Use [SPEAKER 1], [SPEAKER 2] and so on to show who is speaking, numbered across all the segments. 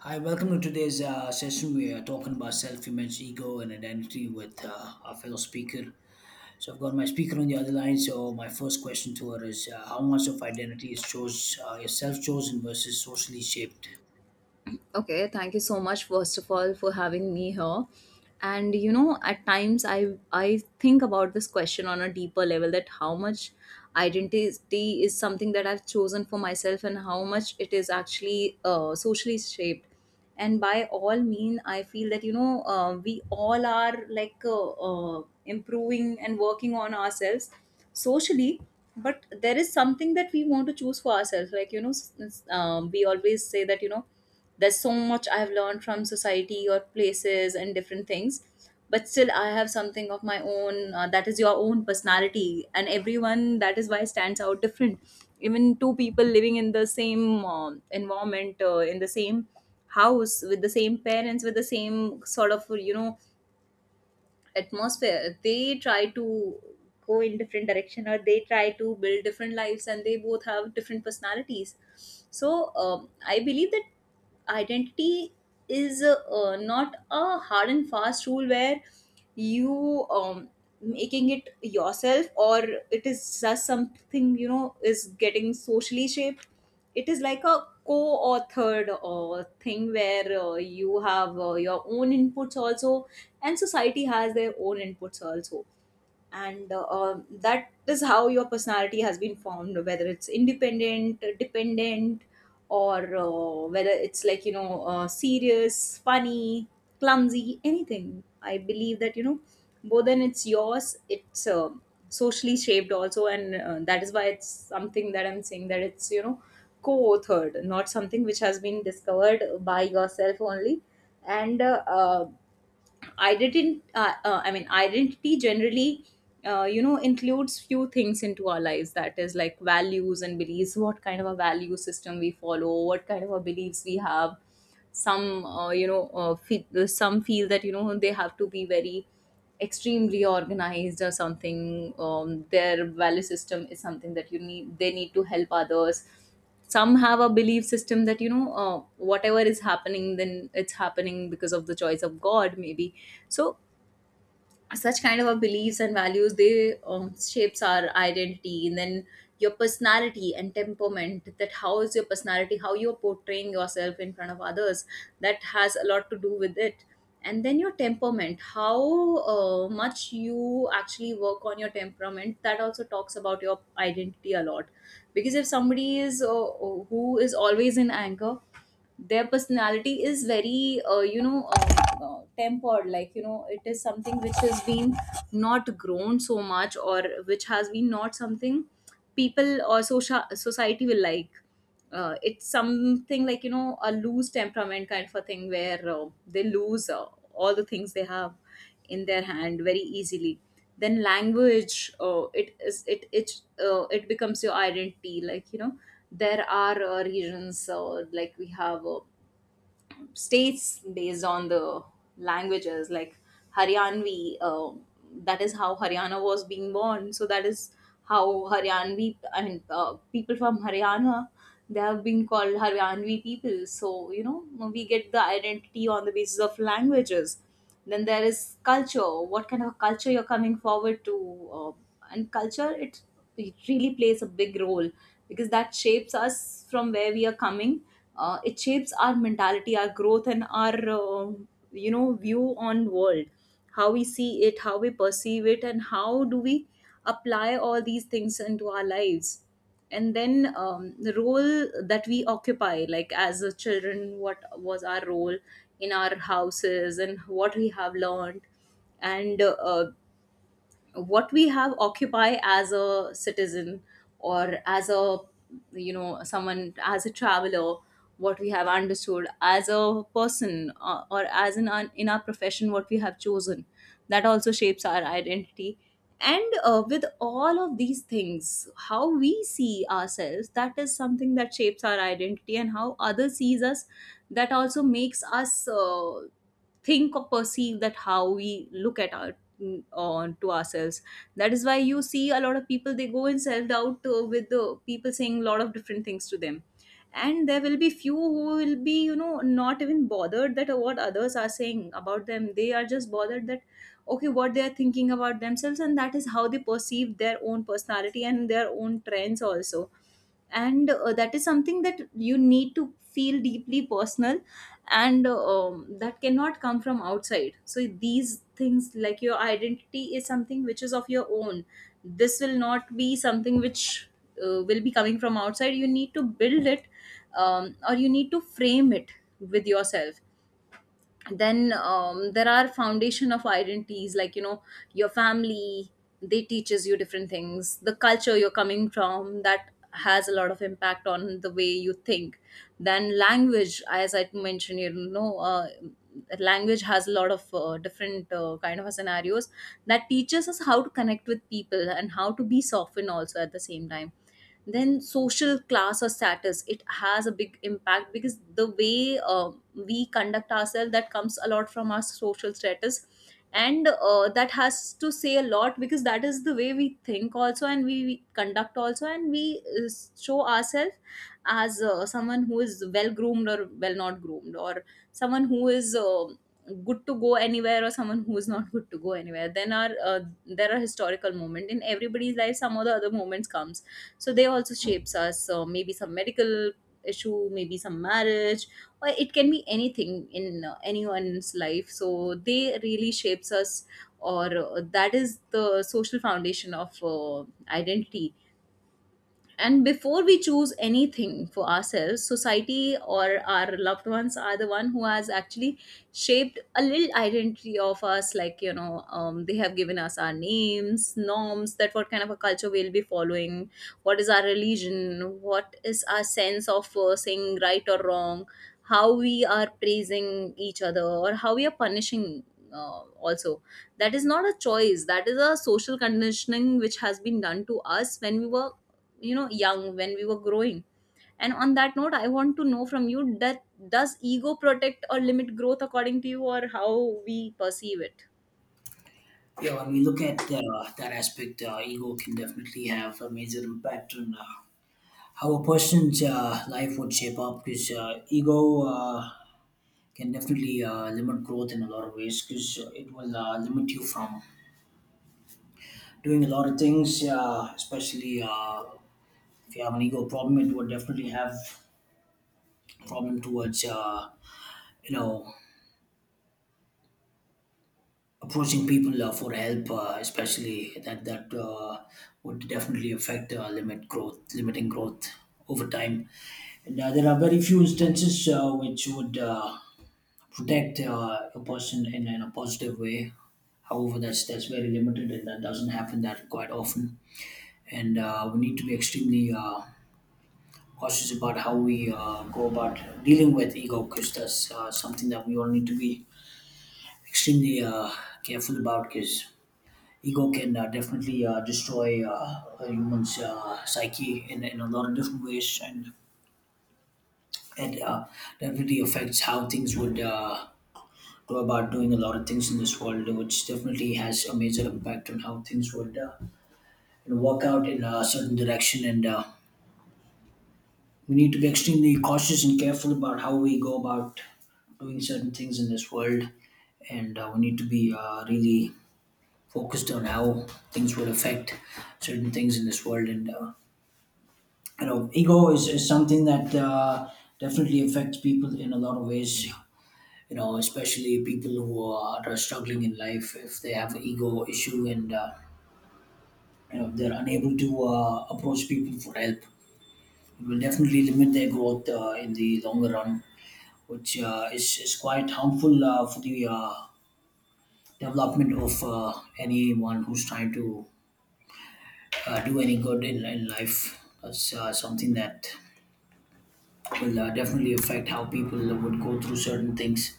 [SPEAKER 1] Hi, welcome to today's session. We are talking about self image, ego, and identity with our fellow speaker. So, I've got my speaker on the other line. So, my first question to her is how much of identity is self chosen versus socially shaped?
[SPEAKER 2] Okay, thank you so much first of all for having me here. And you know, at times I think about this question on a deeper level that how much identity is something that I've chosen for myself and how much it is actually socially shaped. And by all mean, I feel that you know we all are like improving and working on ourselves socially, but there is something that we want to choose for ourselves like you know we always say that you know there's so much I've learned from society or places and different things, but still I have something of my own that is your own personality, and everyone that is why stands out different. Even two people living in the same environment, in the same house, with the same parents, with the same sort of you know atmosphere they try to go in different direction, or they try to build different lives and they both have different personalities. So I believe that identity is not a hard and fast rule where you making it yourself or it is just something you know is getting socially shaped. It is like a co-authored thing where you have your own inputs also, and society has their own inputs also. And that is how your personality has been formed, whether it's independent dependent or whether it's like you know serious funny clumsy anything. I believe that you know more than it's yours it's socially shaped also, and that is why it's something that I'm saying that it's you know co-authored, not something which has been discovered by yourself only. And identity I mean identity generally you know includes few things into our lives, that is like values and beliefs, what kind of a value system we follow, what kind of a beliefs we have. Some you know feel, some feel that you know they have to be very extremely organized or something. Their value system is something that you need, they need to help others. Some have a belief system that you know whatever is happening then it's happening because of the choice of god maybe. So such kind of our beliefs and values they shapes our identity. And then your personality and temperament, that how is your personality, how you're portraying yourself in front of others, that has a lot to do with it. And then your temperament, how much you actually work on your temperament, that also talks about your identity a lot. Because if somebody is who is always in anger, their personality is very you know tempered, like you know it is something which has been not grown so much, or which has been not something people or social society will like. It's something like you know a loose temperament kind of a thing where they lose all the things they have in their hand very easily. Then language, it is it becomes your identity, like you know there are regions, like we have states based on the languages like Haryanvi, uh, that is how Haryana was being born. So that is how Haryanvi, I mean people from Haryana, they have been called Haryanvi people. So you know we get the identity on the basis of languages. Then there is culture, what kind of culture you're coming forward to. uh, and culture it really plays a big role, because that shapes us from where we are coming. It shapes our mentality, our growth, and our you know view on world, how we see it, how we perceive it, and how do we apply all these things into our lives. And then the role that we occupy, like as a children what was our role in our houses and what we have learned, and what we have occupy as a citizen, or as a you know someone as a traveler, what we have understood as a person, or as in in our profession what we have chosen, that also shapes our identity. And with all of these things how we see ourselves, that is something that shapes our identity. And how others sees us, that also makes us think or perceive that how we look at our mm, on to ourselves. That is why you see a lot of people they go in self doubt with the people saying a lot of different things to them. And there will be few who will be you know not even bothered that what others are saying about them, they are just bothered that okay what they are thinking about themselves, and that is how they perceive their own personality and their own trends also. And that is something that you need to feel deeply personal. And that cannot come from outside. So these things, like your identity is something which is of your own, this will not be something which will be coming from outside. You need to build it, or you need to frame it with yourself. Then there are foundation of identities, like you know your family, they teaches you different things. The culture you're coming from, that has a lot of impact on the way you think. Then language, as I mentioned you know, language has a lot of different kind of scenarios that teaches us how to connect with people and how to be softened also at the same time. Then social class or status, it has a big impact, because the way we conduct ourselves that comes a lot from our social status. And that has to say a lot, because that is the way we think also, and we conduct also, and we show ourselves as someone who is well groomed or well not groomed, or someone who is good to go anywhere, or someone who is not good to go anywhere. Then are there are historical moment in everybody's life, some of the other moments comes, so they also shapes us. So maybe some medical issue, maybe some marriage, or it can be anything in anyone's life, so they really shapes us. Or that is the social foundation of identity. And before we choose anything for ourselves, society or our loved ones are the one who has actually shaped a little identity of us, like you know they have given us our names, norms, that what kind of a culture we'll be following, what is our religion, what is our sense of saying right or wrong, how we are praising each other, or how we are punishing also. That is not a choice, that is a social conditioning which has been done to us when we were you know young, when we were growing. And on that note, I want to know from you that does ego protect or limit growth according to you, or how we perceive it.
[SPEAKER 1] Yeah, when we look at that aspect, ego can definitely have a major impact on how a person's life would shape up because ego can definitely limit growth in a lot of ways because it will limit you from doing a lot of things, especially if you have an ego problem, it would definitely have problem towards you know approaching people for help, especially that would definitely affect limit growth, limiting growth over time. And there are very few instances which would protect a person in a positive way. However, that's very limited, and that doesn't happen that quite often. And we need to be extremely cautious about how we go about dealing with ego because that's something that we all need to be extremely careful about because ego can definitely destroy a human's psyche in a lot of different ways. And it definitely affects how things would go about doing a lot of things in this world, which definitely has a major impact on how things would, you know, work out in a certain direction. And we need to be extremely cautious and careful about how we go about doing certain things in this world. And we need to be really focused on how things will affect certain things in this world. And you know ego is something that definitely affects people in a lot of ways, you know, especially people who are struggling in life. If they have an ego issue and you know they're unable to approach people for help, it will definitely limit their growth in the longer run, which is quite harmful for the development of anyone who's trying to do any good in life. That's something that will definitely affect how people would go through certain things.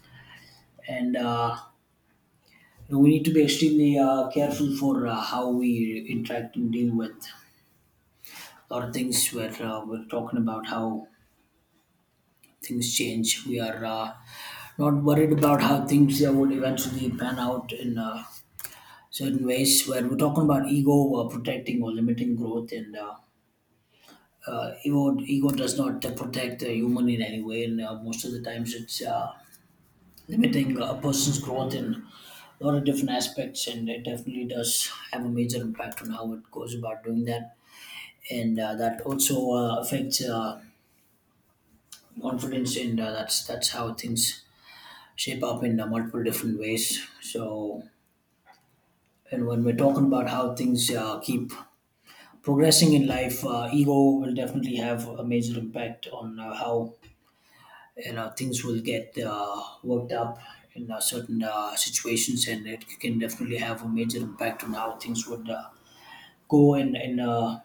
[SPEAKER 1] And you know, we need to be extremely careful for how we interact and deal with a lot of things where we're talking about how things change. We are not worried about how things would eventually pan out in certain ways where we're talking about ego protecting or limiting growth. And ego does not protect a human in any way. And most of the times it's limiting a person's growth in a lot of different aspects, and it definitely does have a major impact on how it goes about doing that. And that also affects confidence. And that's how things shape up in multiple different ways. So, and when we're talking about how things keep progressing in life, ego will definitely have a major impact on how, you know, things will get worked up in certain situations, and it can definitely have a major impact on how things would go in in, uh,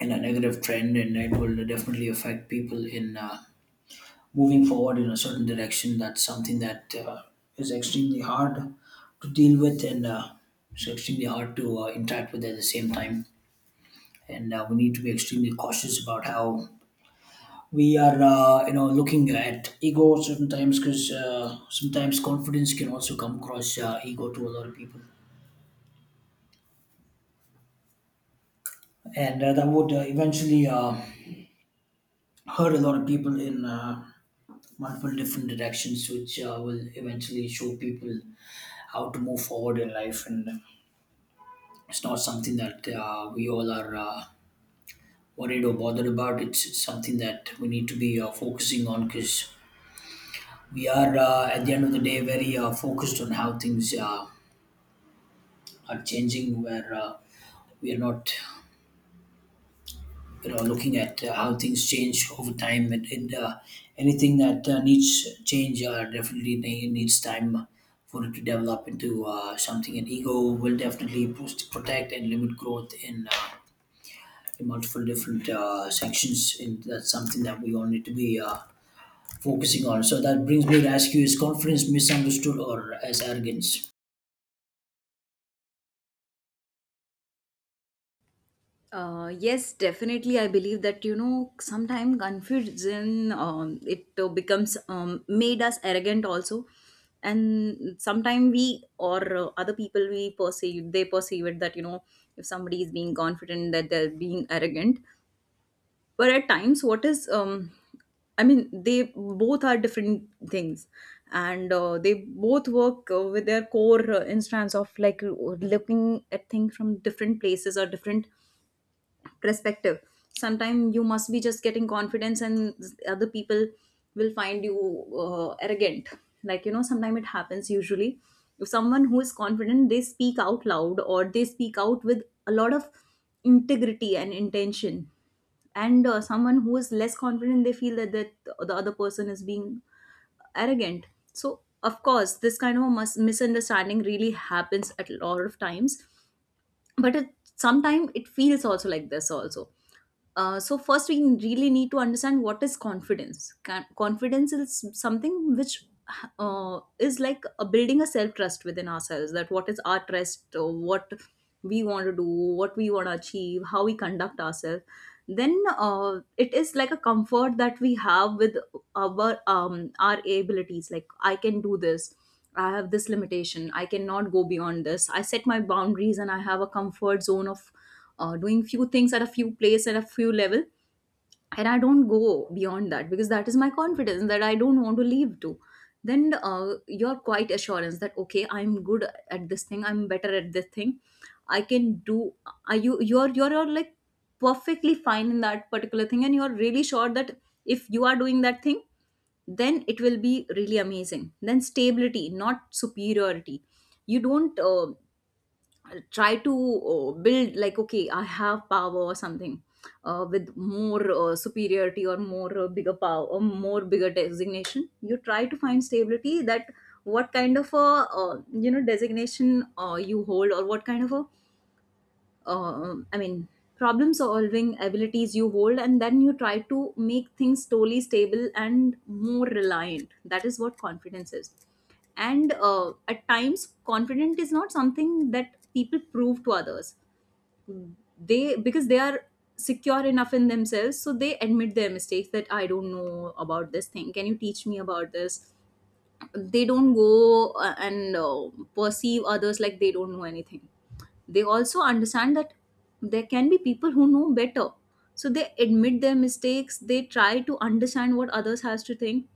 [SPEAKER 1] in a negative trend, and it will definitely affect people in moving forward in a certain direction. That's something that is extremely hard to deal with, and it's extremely hard to interact with at the same time. And we need to be extremely cautious about how we are you know looking at ego sometimes because sometimes confidence can also come across ego to a lot of people. And that would eventually hurt a lot of people in multiple different directions, which will eventually show people how to move forward in life. And it's not something that we all are worried or bothered about. It's something that we need to be focusing on because we are, at the end of the day, very focused on how things are changing, where we are not, you know, looking at how things change over time, and anything that needs change definitely needs time for it to develop into something, and ego will definitely protect and limit growth in multiple different sections, and that's something that we all need to be focusing on. So that brings me to ask you: is confidence misunderstood or as arrogance?
[SPEAKER 2] Yes, definitely. I believe that you know sometimes confusion um, it becomes made us arrogant also, and sometimes we or other people we perceive, they perceive it that you know if somebody is being confident that they're being arrogant, but at times what is I mean they both are different things. And they both work with their core instance of like looking at things from different places or different perspective. Sometimes you must be just getting confidence and other people will find you arrogant, like you know sometimes it happens usually. If someone who is confident, they speak out loud or they speak out with a lot of integrity and intention, and someone who is less confident, they feel that the other person is being arrogant. So of course this kind of a misunderstanding really happens at a lot of times, but it sometimes it feels also like this also. So first we really need to understand what is confidence. Confidence is something which is like a building a self trust within ourselves, that what is our trust, what we want to do, what we want to achieve, how we conduct ourselves. Then it is like a comfort that we have with our abilities, like I can do this, I have this limitation, I cannot go beyond this, I set my boundaries and I have a comfort zone of doing few things at a few place at a few level, and I don't go beyond that because that is my confidence that I don't want to leave to. Then your quiet Assurance that okay, I'm good at this thing, I'm better at this thing, I can do. Are you, you're like perfectly fine in that particular thing and you're really sure that if you are doing that thing, then it will be really amazing. Then stability, not superiority. You don't try to build like okay, I have power or something, with more superiority or more bigger power or more bigger designation. You try to find stability, that what kind of a designation you hold, or what kind of a um, I mean, problem solving abilities you hold, and then you try to make things slowly stable and more reliant. That is what confidence is. And at times, confident is not something that people prove to others. They, because they are secure enough in themselves, so they admit their mistakes. That I don't know about this thing. Can you teach me about this? They don't go and perceive others like they don't know anything. They also understand that there can be people who know better, so they admit their mistakes. They try to understand what others has to think.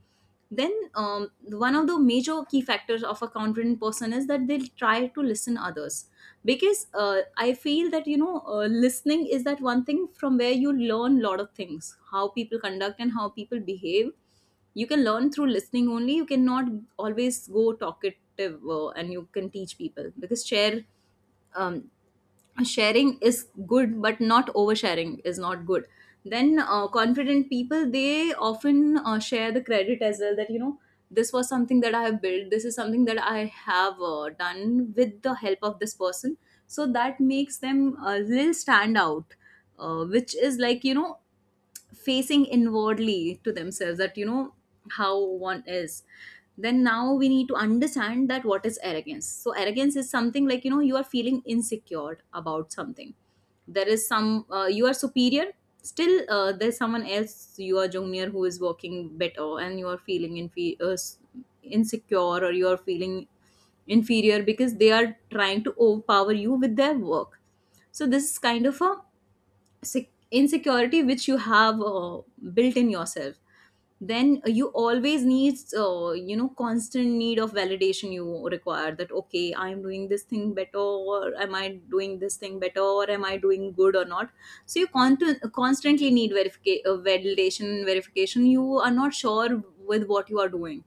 [SPEAKER 2] Then one of the major key factors of a confident person is that they'll try to listen others. Because I feel that listening is that one thing from where you learn lot of things, how people conduct and how people behave. You can learn through listening only, you cannot always go talkative, and you can teach people because share, um, sharing is good but not oversharing is not good. Then confident people, they often share the credit as well. That you know, this was something that I have built, this is something that I have done with the help of this person. So that makes them a little stand out, which is like, you know, facing inwardly to themselves, that you know how one is. Then now we need to understand that what is arrogance. So arrogance is something like, you know, you are feeling insecure about something. There is some, you are superior, still there's someone else, you are junior, who is working better, and you are feeling insecure, or you are feeling inferior because they are trying to overpower you with their work. So this is kind of a insecurity which you have built in yourself. Then you always need, you know, constant need of validation. You require that okay, I am doing this thing better, or am I doing this thing better, or am I doing good or not. So you constantly need verification, validation, verification. You are not sure with what you are doing.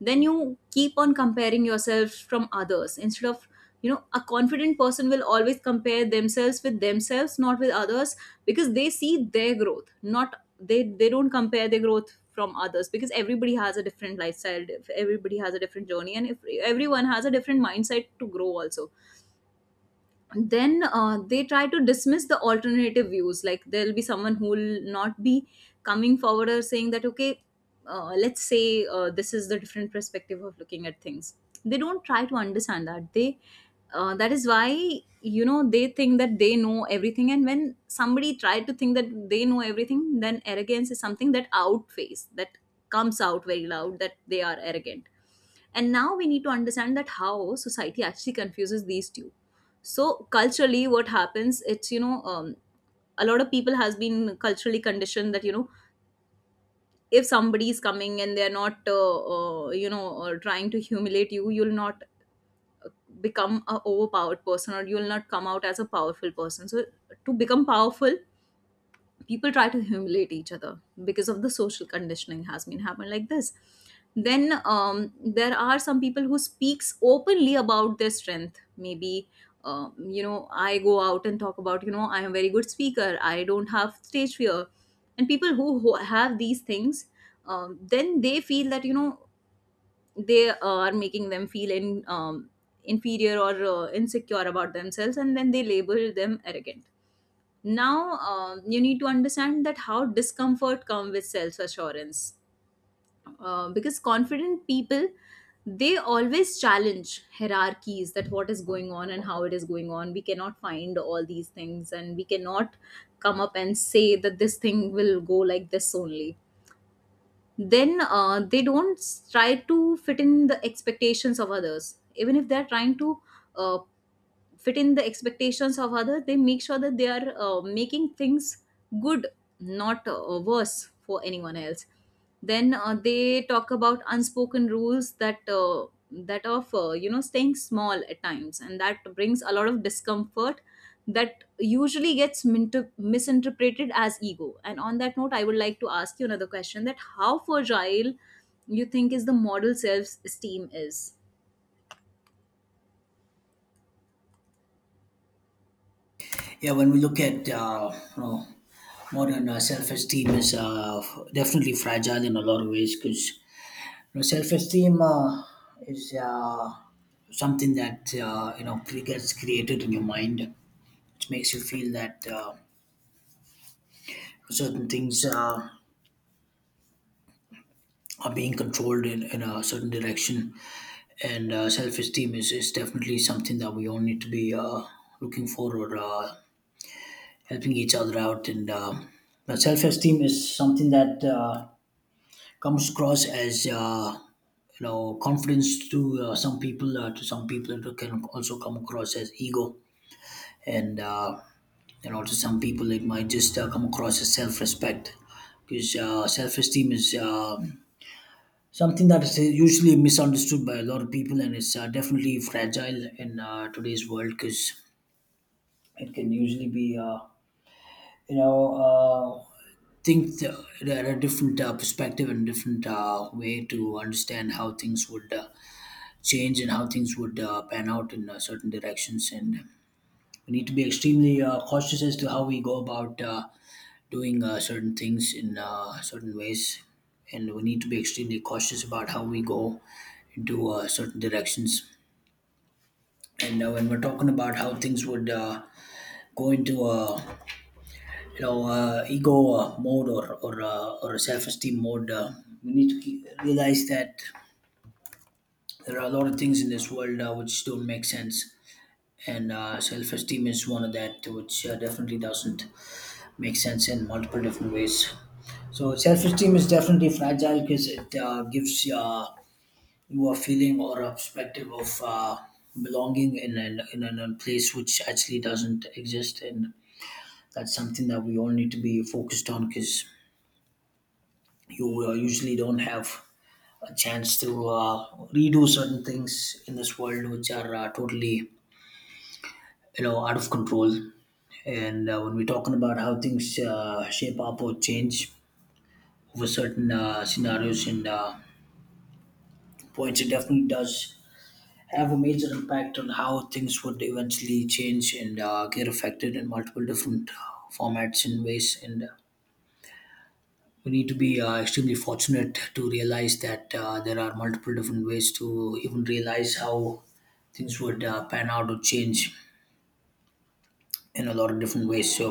[SPEAKER 2] Then you keep on comparing yourself from others, instead of, you know, a confident person will always compare themselves with themselves, not with others. Because they see their growth, not, they don't compare their growth from others, because everybody has a different lifestyle, everybody has a different journey, and if everyone has a different mindset to grow also. Then they try to dismiss the alternative views, like there'll be someone who will not be coming forward or saying that okay, let's say this is the different perspective of looking at things. They don't try to understand that they, that is why, you know, they think that they know everything, and when somebody try to think that they know everything, then arrogance is something that outface that, comes out very loud that they are arrogant. And now we need to understand that how society actually confuses these two. So culturally what happens, it's, you know, a lot of people has been culturally conditioned that, you know, if somebody is coming and they're not, you know, trying to humiliate you, you'll not become a overpowered person, or you'll not come out as a powerful person. So to become powerful, people try to humiliate each other, because of the social conditioning has been happened like this. Then there are some people who speaks openly about their strength. Maybe you know, I go out and talk about, you know, I am a very good speaker, I don't have stage fear. And people who have these things, then they feel that, you know, they are making them feel in, inferior or insecure about themselves, and then they label them arrogant. Now you need to understand that how discomfort comes with self assurance. Because confident people, they always challenge hierarchies, that what is going on and how it is going on. We cannot find all these things, and we cannot come up and say that this thing will go like this only. Then they don't try to fit in the expectations of others. Even if they're trying to uh, fit in the expectations of others, they make sure that they are making things good, not worse for anyone else. Then they talk about unspoken rules, that that of you know, staying small at times, and that brings a lot of discomfort that usually gets misinterpreted as ego. And on that note, I would like to ask you another question, that how fragile you think is the model self esteem is.
[SPEAKER 1] Yeah, when we look at you know modern self-esteem is definitely fragile in a lot of ways because, you know, self-esteem is something that you know gets created in your mind, which makes you feel that certain things are being controlled in a certain direction, and self-esteem is definitely something that we all need to be looking for or helping each other out, and self-esteem is something that. Comes across as you know confidence to some people. To some people it can also come across as ego, and you know to some people it might just come across as self-respect because self-esteem is something that is usually misunderstood by a lot of people, and it's definitely fragile in today's world because it can usually be you know, uh, think th- at a different perspective and different way to understand how things would change and how things would pan out in certain directions. And we need to be extremely cautious as to how we go about doing certain things in certain ways. And we need to be extremely cautious about how we go into certain directions. And when we're talking about how things would go into you know ego mode or a self-esteem mode, we need to realize that there are a lot of things in this world which don't make sense, and self-esteem is one of that which definitely doesn't make sense in multiple different ways. So self-esteem is definitely fragile because it gives you a feeling or a perspective of belonging in a place which actually doesn't exist. And that's something that we all need to be focused on because you usually don't have a chance to redo certain things in this world, which are totally, you know, out of control. And when we're talking about how things shape up or change over certain scenarios and points, it definitely does have a major impact on how things would eventually change and get affected in multiple different formats and ways. And we need to be extremely fortunate to realize that there are multiple different ways to even realize how things would pan out or change in a lot of different ways. So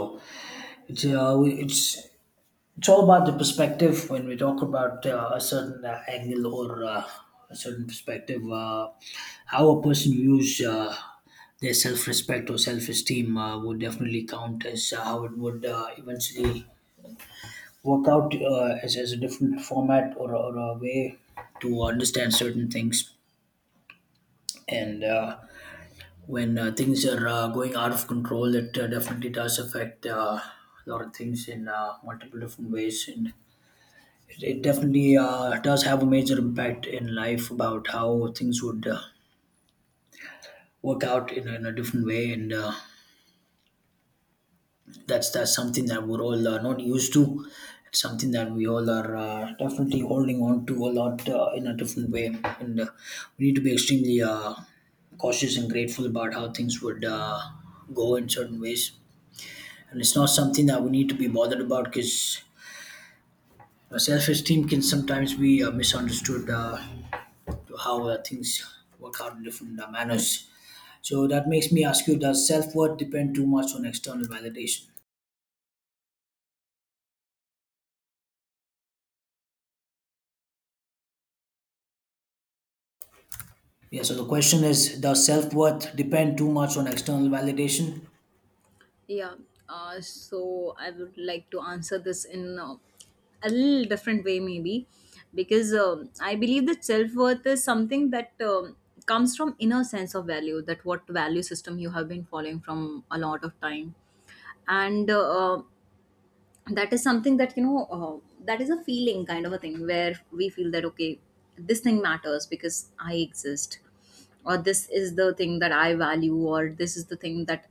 [SPEAKER 1] it's we- it's all about the perspective when we talk about a certain angle or a certain perspective. How a person views their self-respect or self-esteem would definitely count as how it would eventually workout as a different format or a way to understand certain things. And when things are going out of control, it definitely does affect a lot of things in multiple different ways, and it definitely does have a major impact in life about how things would work out in a different way. And that's something that we're all not used to. It's something that we all are definitely holding on to a lot in a different way, and we need to be extremely cautious and grateful about how things would go in certain ways. And it's not something that we need to be bothered about because self-esteem can sometimes be misunderstood to how things work out in different manners. So that makes me ask you: does self worth depend too much on external validation? Yeah, so the question is: does self worth depend too much on external validation?
[SPEAKER 2] Yeah, so I would like to answer this in a little different way, maybe, because I believe that self worth is something that comes from inner sense of value, that what value system you have been following from a lot of time, and that is something that, you know, that is a feeling kind of a thing where we feel that okay, this thing matters because I exist, or this is the thing that I value, or this is the thing that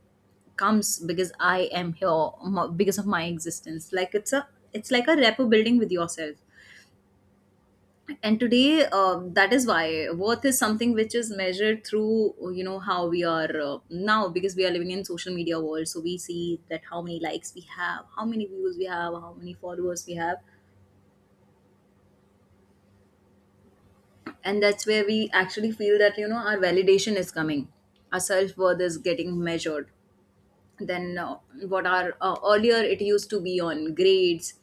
[SPEAKER 2] comes because I am here, because of my existence. Like it's a, it's like a rapport building with yourself. And today that is why worth is something which is measured through, you know, how we are now, because we are living in social media world. So we see that how many likes we have, how many views we have, how many followers we have, and that's where we actually feel that, you know, our validation is coming, our self-worth is getting measured. Then what our, earlier it used to be on grades,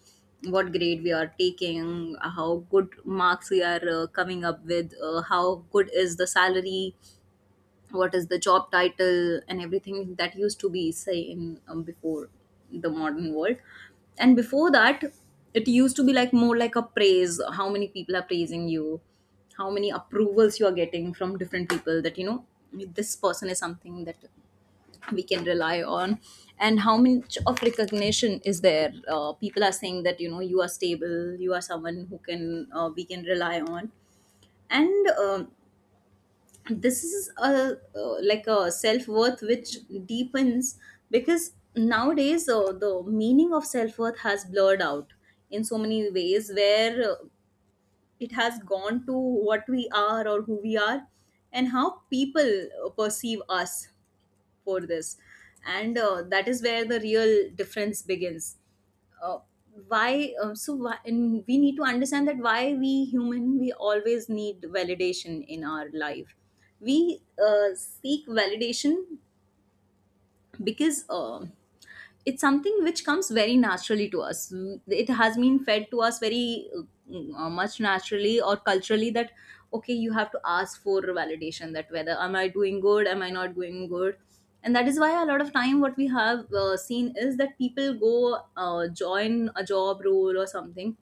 [SPEAKER 2] what grade we are taking, how good marks we are coming up with, how good is the salary, what is the job title, and everything. That used to be say in, before the modern world. And before that, it used to be like more like a praise, how many people are praising you, how many approvals you are getting from different people. That, you know, this person is something that we can rely on. And how much of recognition is there, people are saying that, you know, you are stable, you are someone who can, we can rely on. And this is a, like a self-worth which deepens, because nowadays the meaning of self-worth has blurred out in so many ways, where it has gone to what we are or who we are, and how people perceive us for this. And that is where the real difference begins. Uh, why so why, and we need to understand that why we human we always need validation in our life. We seek validation because it's something which comes very naturally to us. Mm, it has been fed to us very much naturally or culturally that okay, you have to ask for validation, that whether am I doing good, am I not doing good. And that is why a lot of time what we have seen is that people go join a job role or something,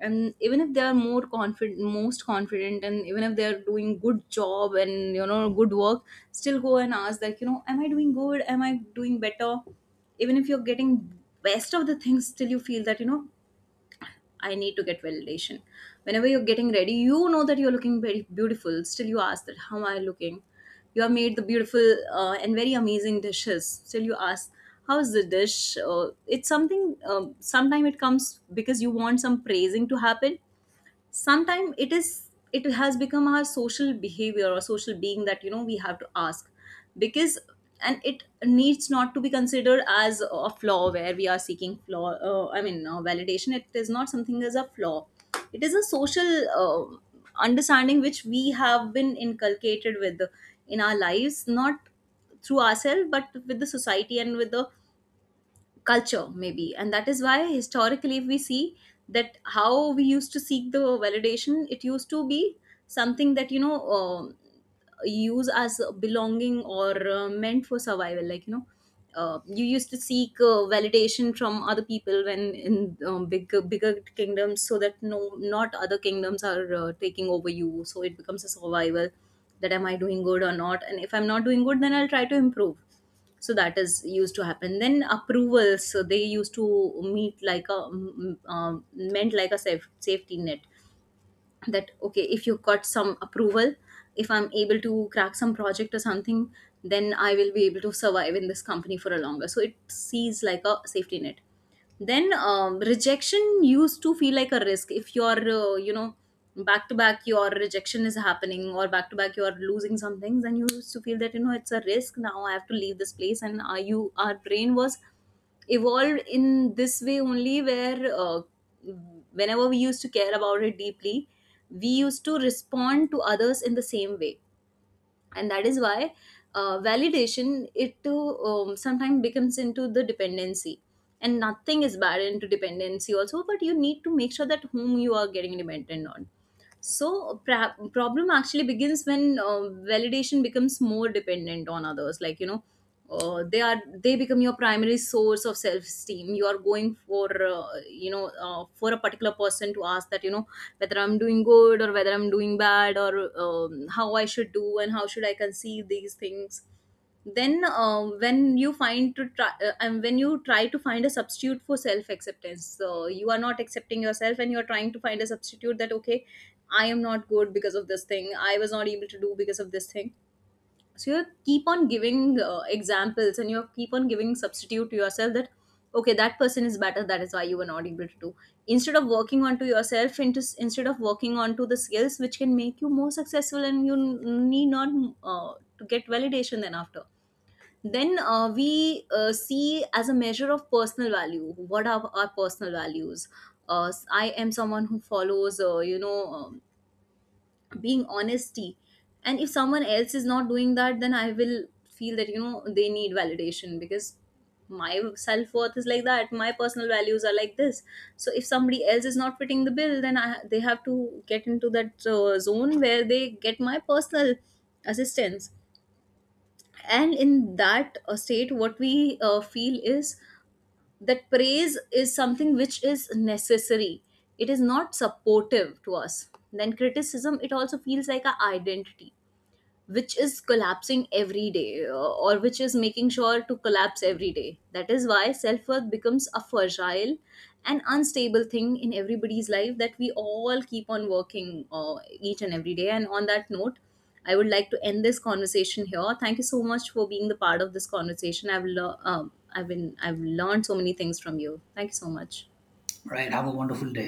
[SPEAKER 2] and even if they are more confident, most confident, and even if they are doing good job and, you know, good work, still go and ask that, you know, am I doing good, am I doing better. Even if you're getting best of the things, still you feel that, you know, I need to get validation. Whenever you're getting ready, you know that you're looking very beautiful. Still, you ask that, how am I looking? You have made the beautiful and very amazing dishes. Still, you ask, how is the dish? It's something, sometime it comes because you want some praising to happen. Sometimes it has become our social behavior or social being that you know we have to ask because. And it needs not to be considered as a flaw where we are seeking flaw I mean validation. It is not something as a flaw. It is a social uh, understanding which we have been inculcated with in our lives, not through ourselves but with the society and with the culture maybe. And that is why historically, if we see that how we used to seek the validation, it used to be something that you know, use as belonging or meant for survival, like you know, you used to seek validation from other people when in bigger kingdoms so that no, not other kingdoms are taking over you. So it becomes a survival that am I doing good or not, and if I'm not doing good then I'll try to improve. So that is used to happen. Then approvals, so they used to meet like a meant like a safety net that okay, if you got some approval, if I'm able to crack some project or something, then I will be able to survive in this company for a longer. So it sees like a safety net. Then rejection used to feel like a risk. If you're you know, back to back your rejection is happening, or back to back you're losing some things, then you used to feel that you know it's a risk, now I have to leave this place. And you our brain was evolved in this way only, where whenever we used to care about it deeply, we used to respond to others in the same way. And that is why validation, it too sometimes becomes into the dependency. And nothing is bad into dependency also, but you need to make sure that whom you are getting dependent on. So problem actually begins when validation becomes more dependent on others, like you know, they become your primary source of self esteem. You are going for for a particular person to ask that you know whether I'm doing good or whether I'm doing bad, or how I should do and how should I conceive these things. Then when you find to try and when you try to find a substitute for self acceptance, so you are not accepting yourself and you are trying to find a substitute that okay, I am not good because of this thing, I was not able to do because of this thing. So you keep on giving examples and you keep on giving substitute to yourself that okay, that person is better, that is why you were not able to do, instead of working onto yourself, into instead of working onto the skills which can make you more successful and you need not to get validation. Then after, then we see as a measure of personal value what are our personal values. I am someone who follows being honesty, and if someone else is not doing that, then I will feel that you know they need validation, because my self-worth is like that, my personal values are like this. So if somebody else is not fitting the bill, then they have to get into that zone where they get my personal assistance. And in that state, what we feel is that praise is something which is necessary. It is not supportive to us. Then criticism, it also feels like our identity which is collapsing every day, or which is making sure to collapse every day. That is why self worth becomes a fragile and unstable thing in everybody's life, that we all keep on working each and every day. And on that note, I would like to end this conversation here. Thank you so much for being the part of this conversation. I've learned so many things from you. Thank you so much.
[SPEAKER 1] Right, have a wonderful day.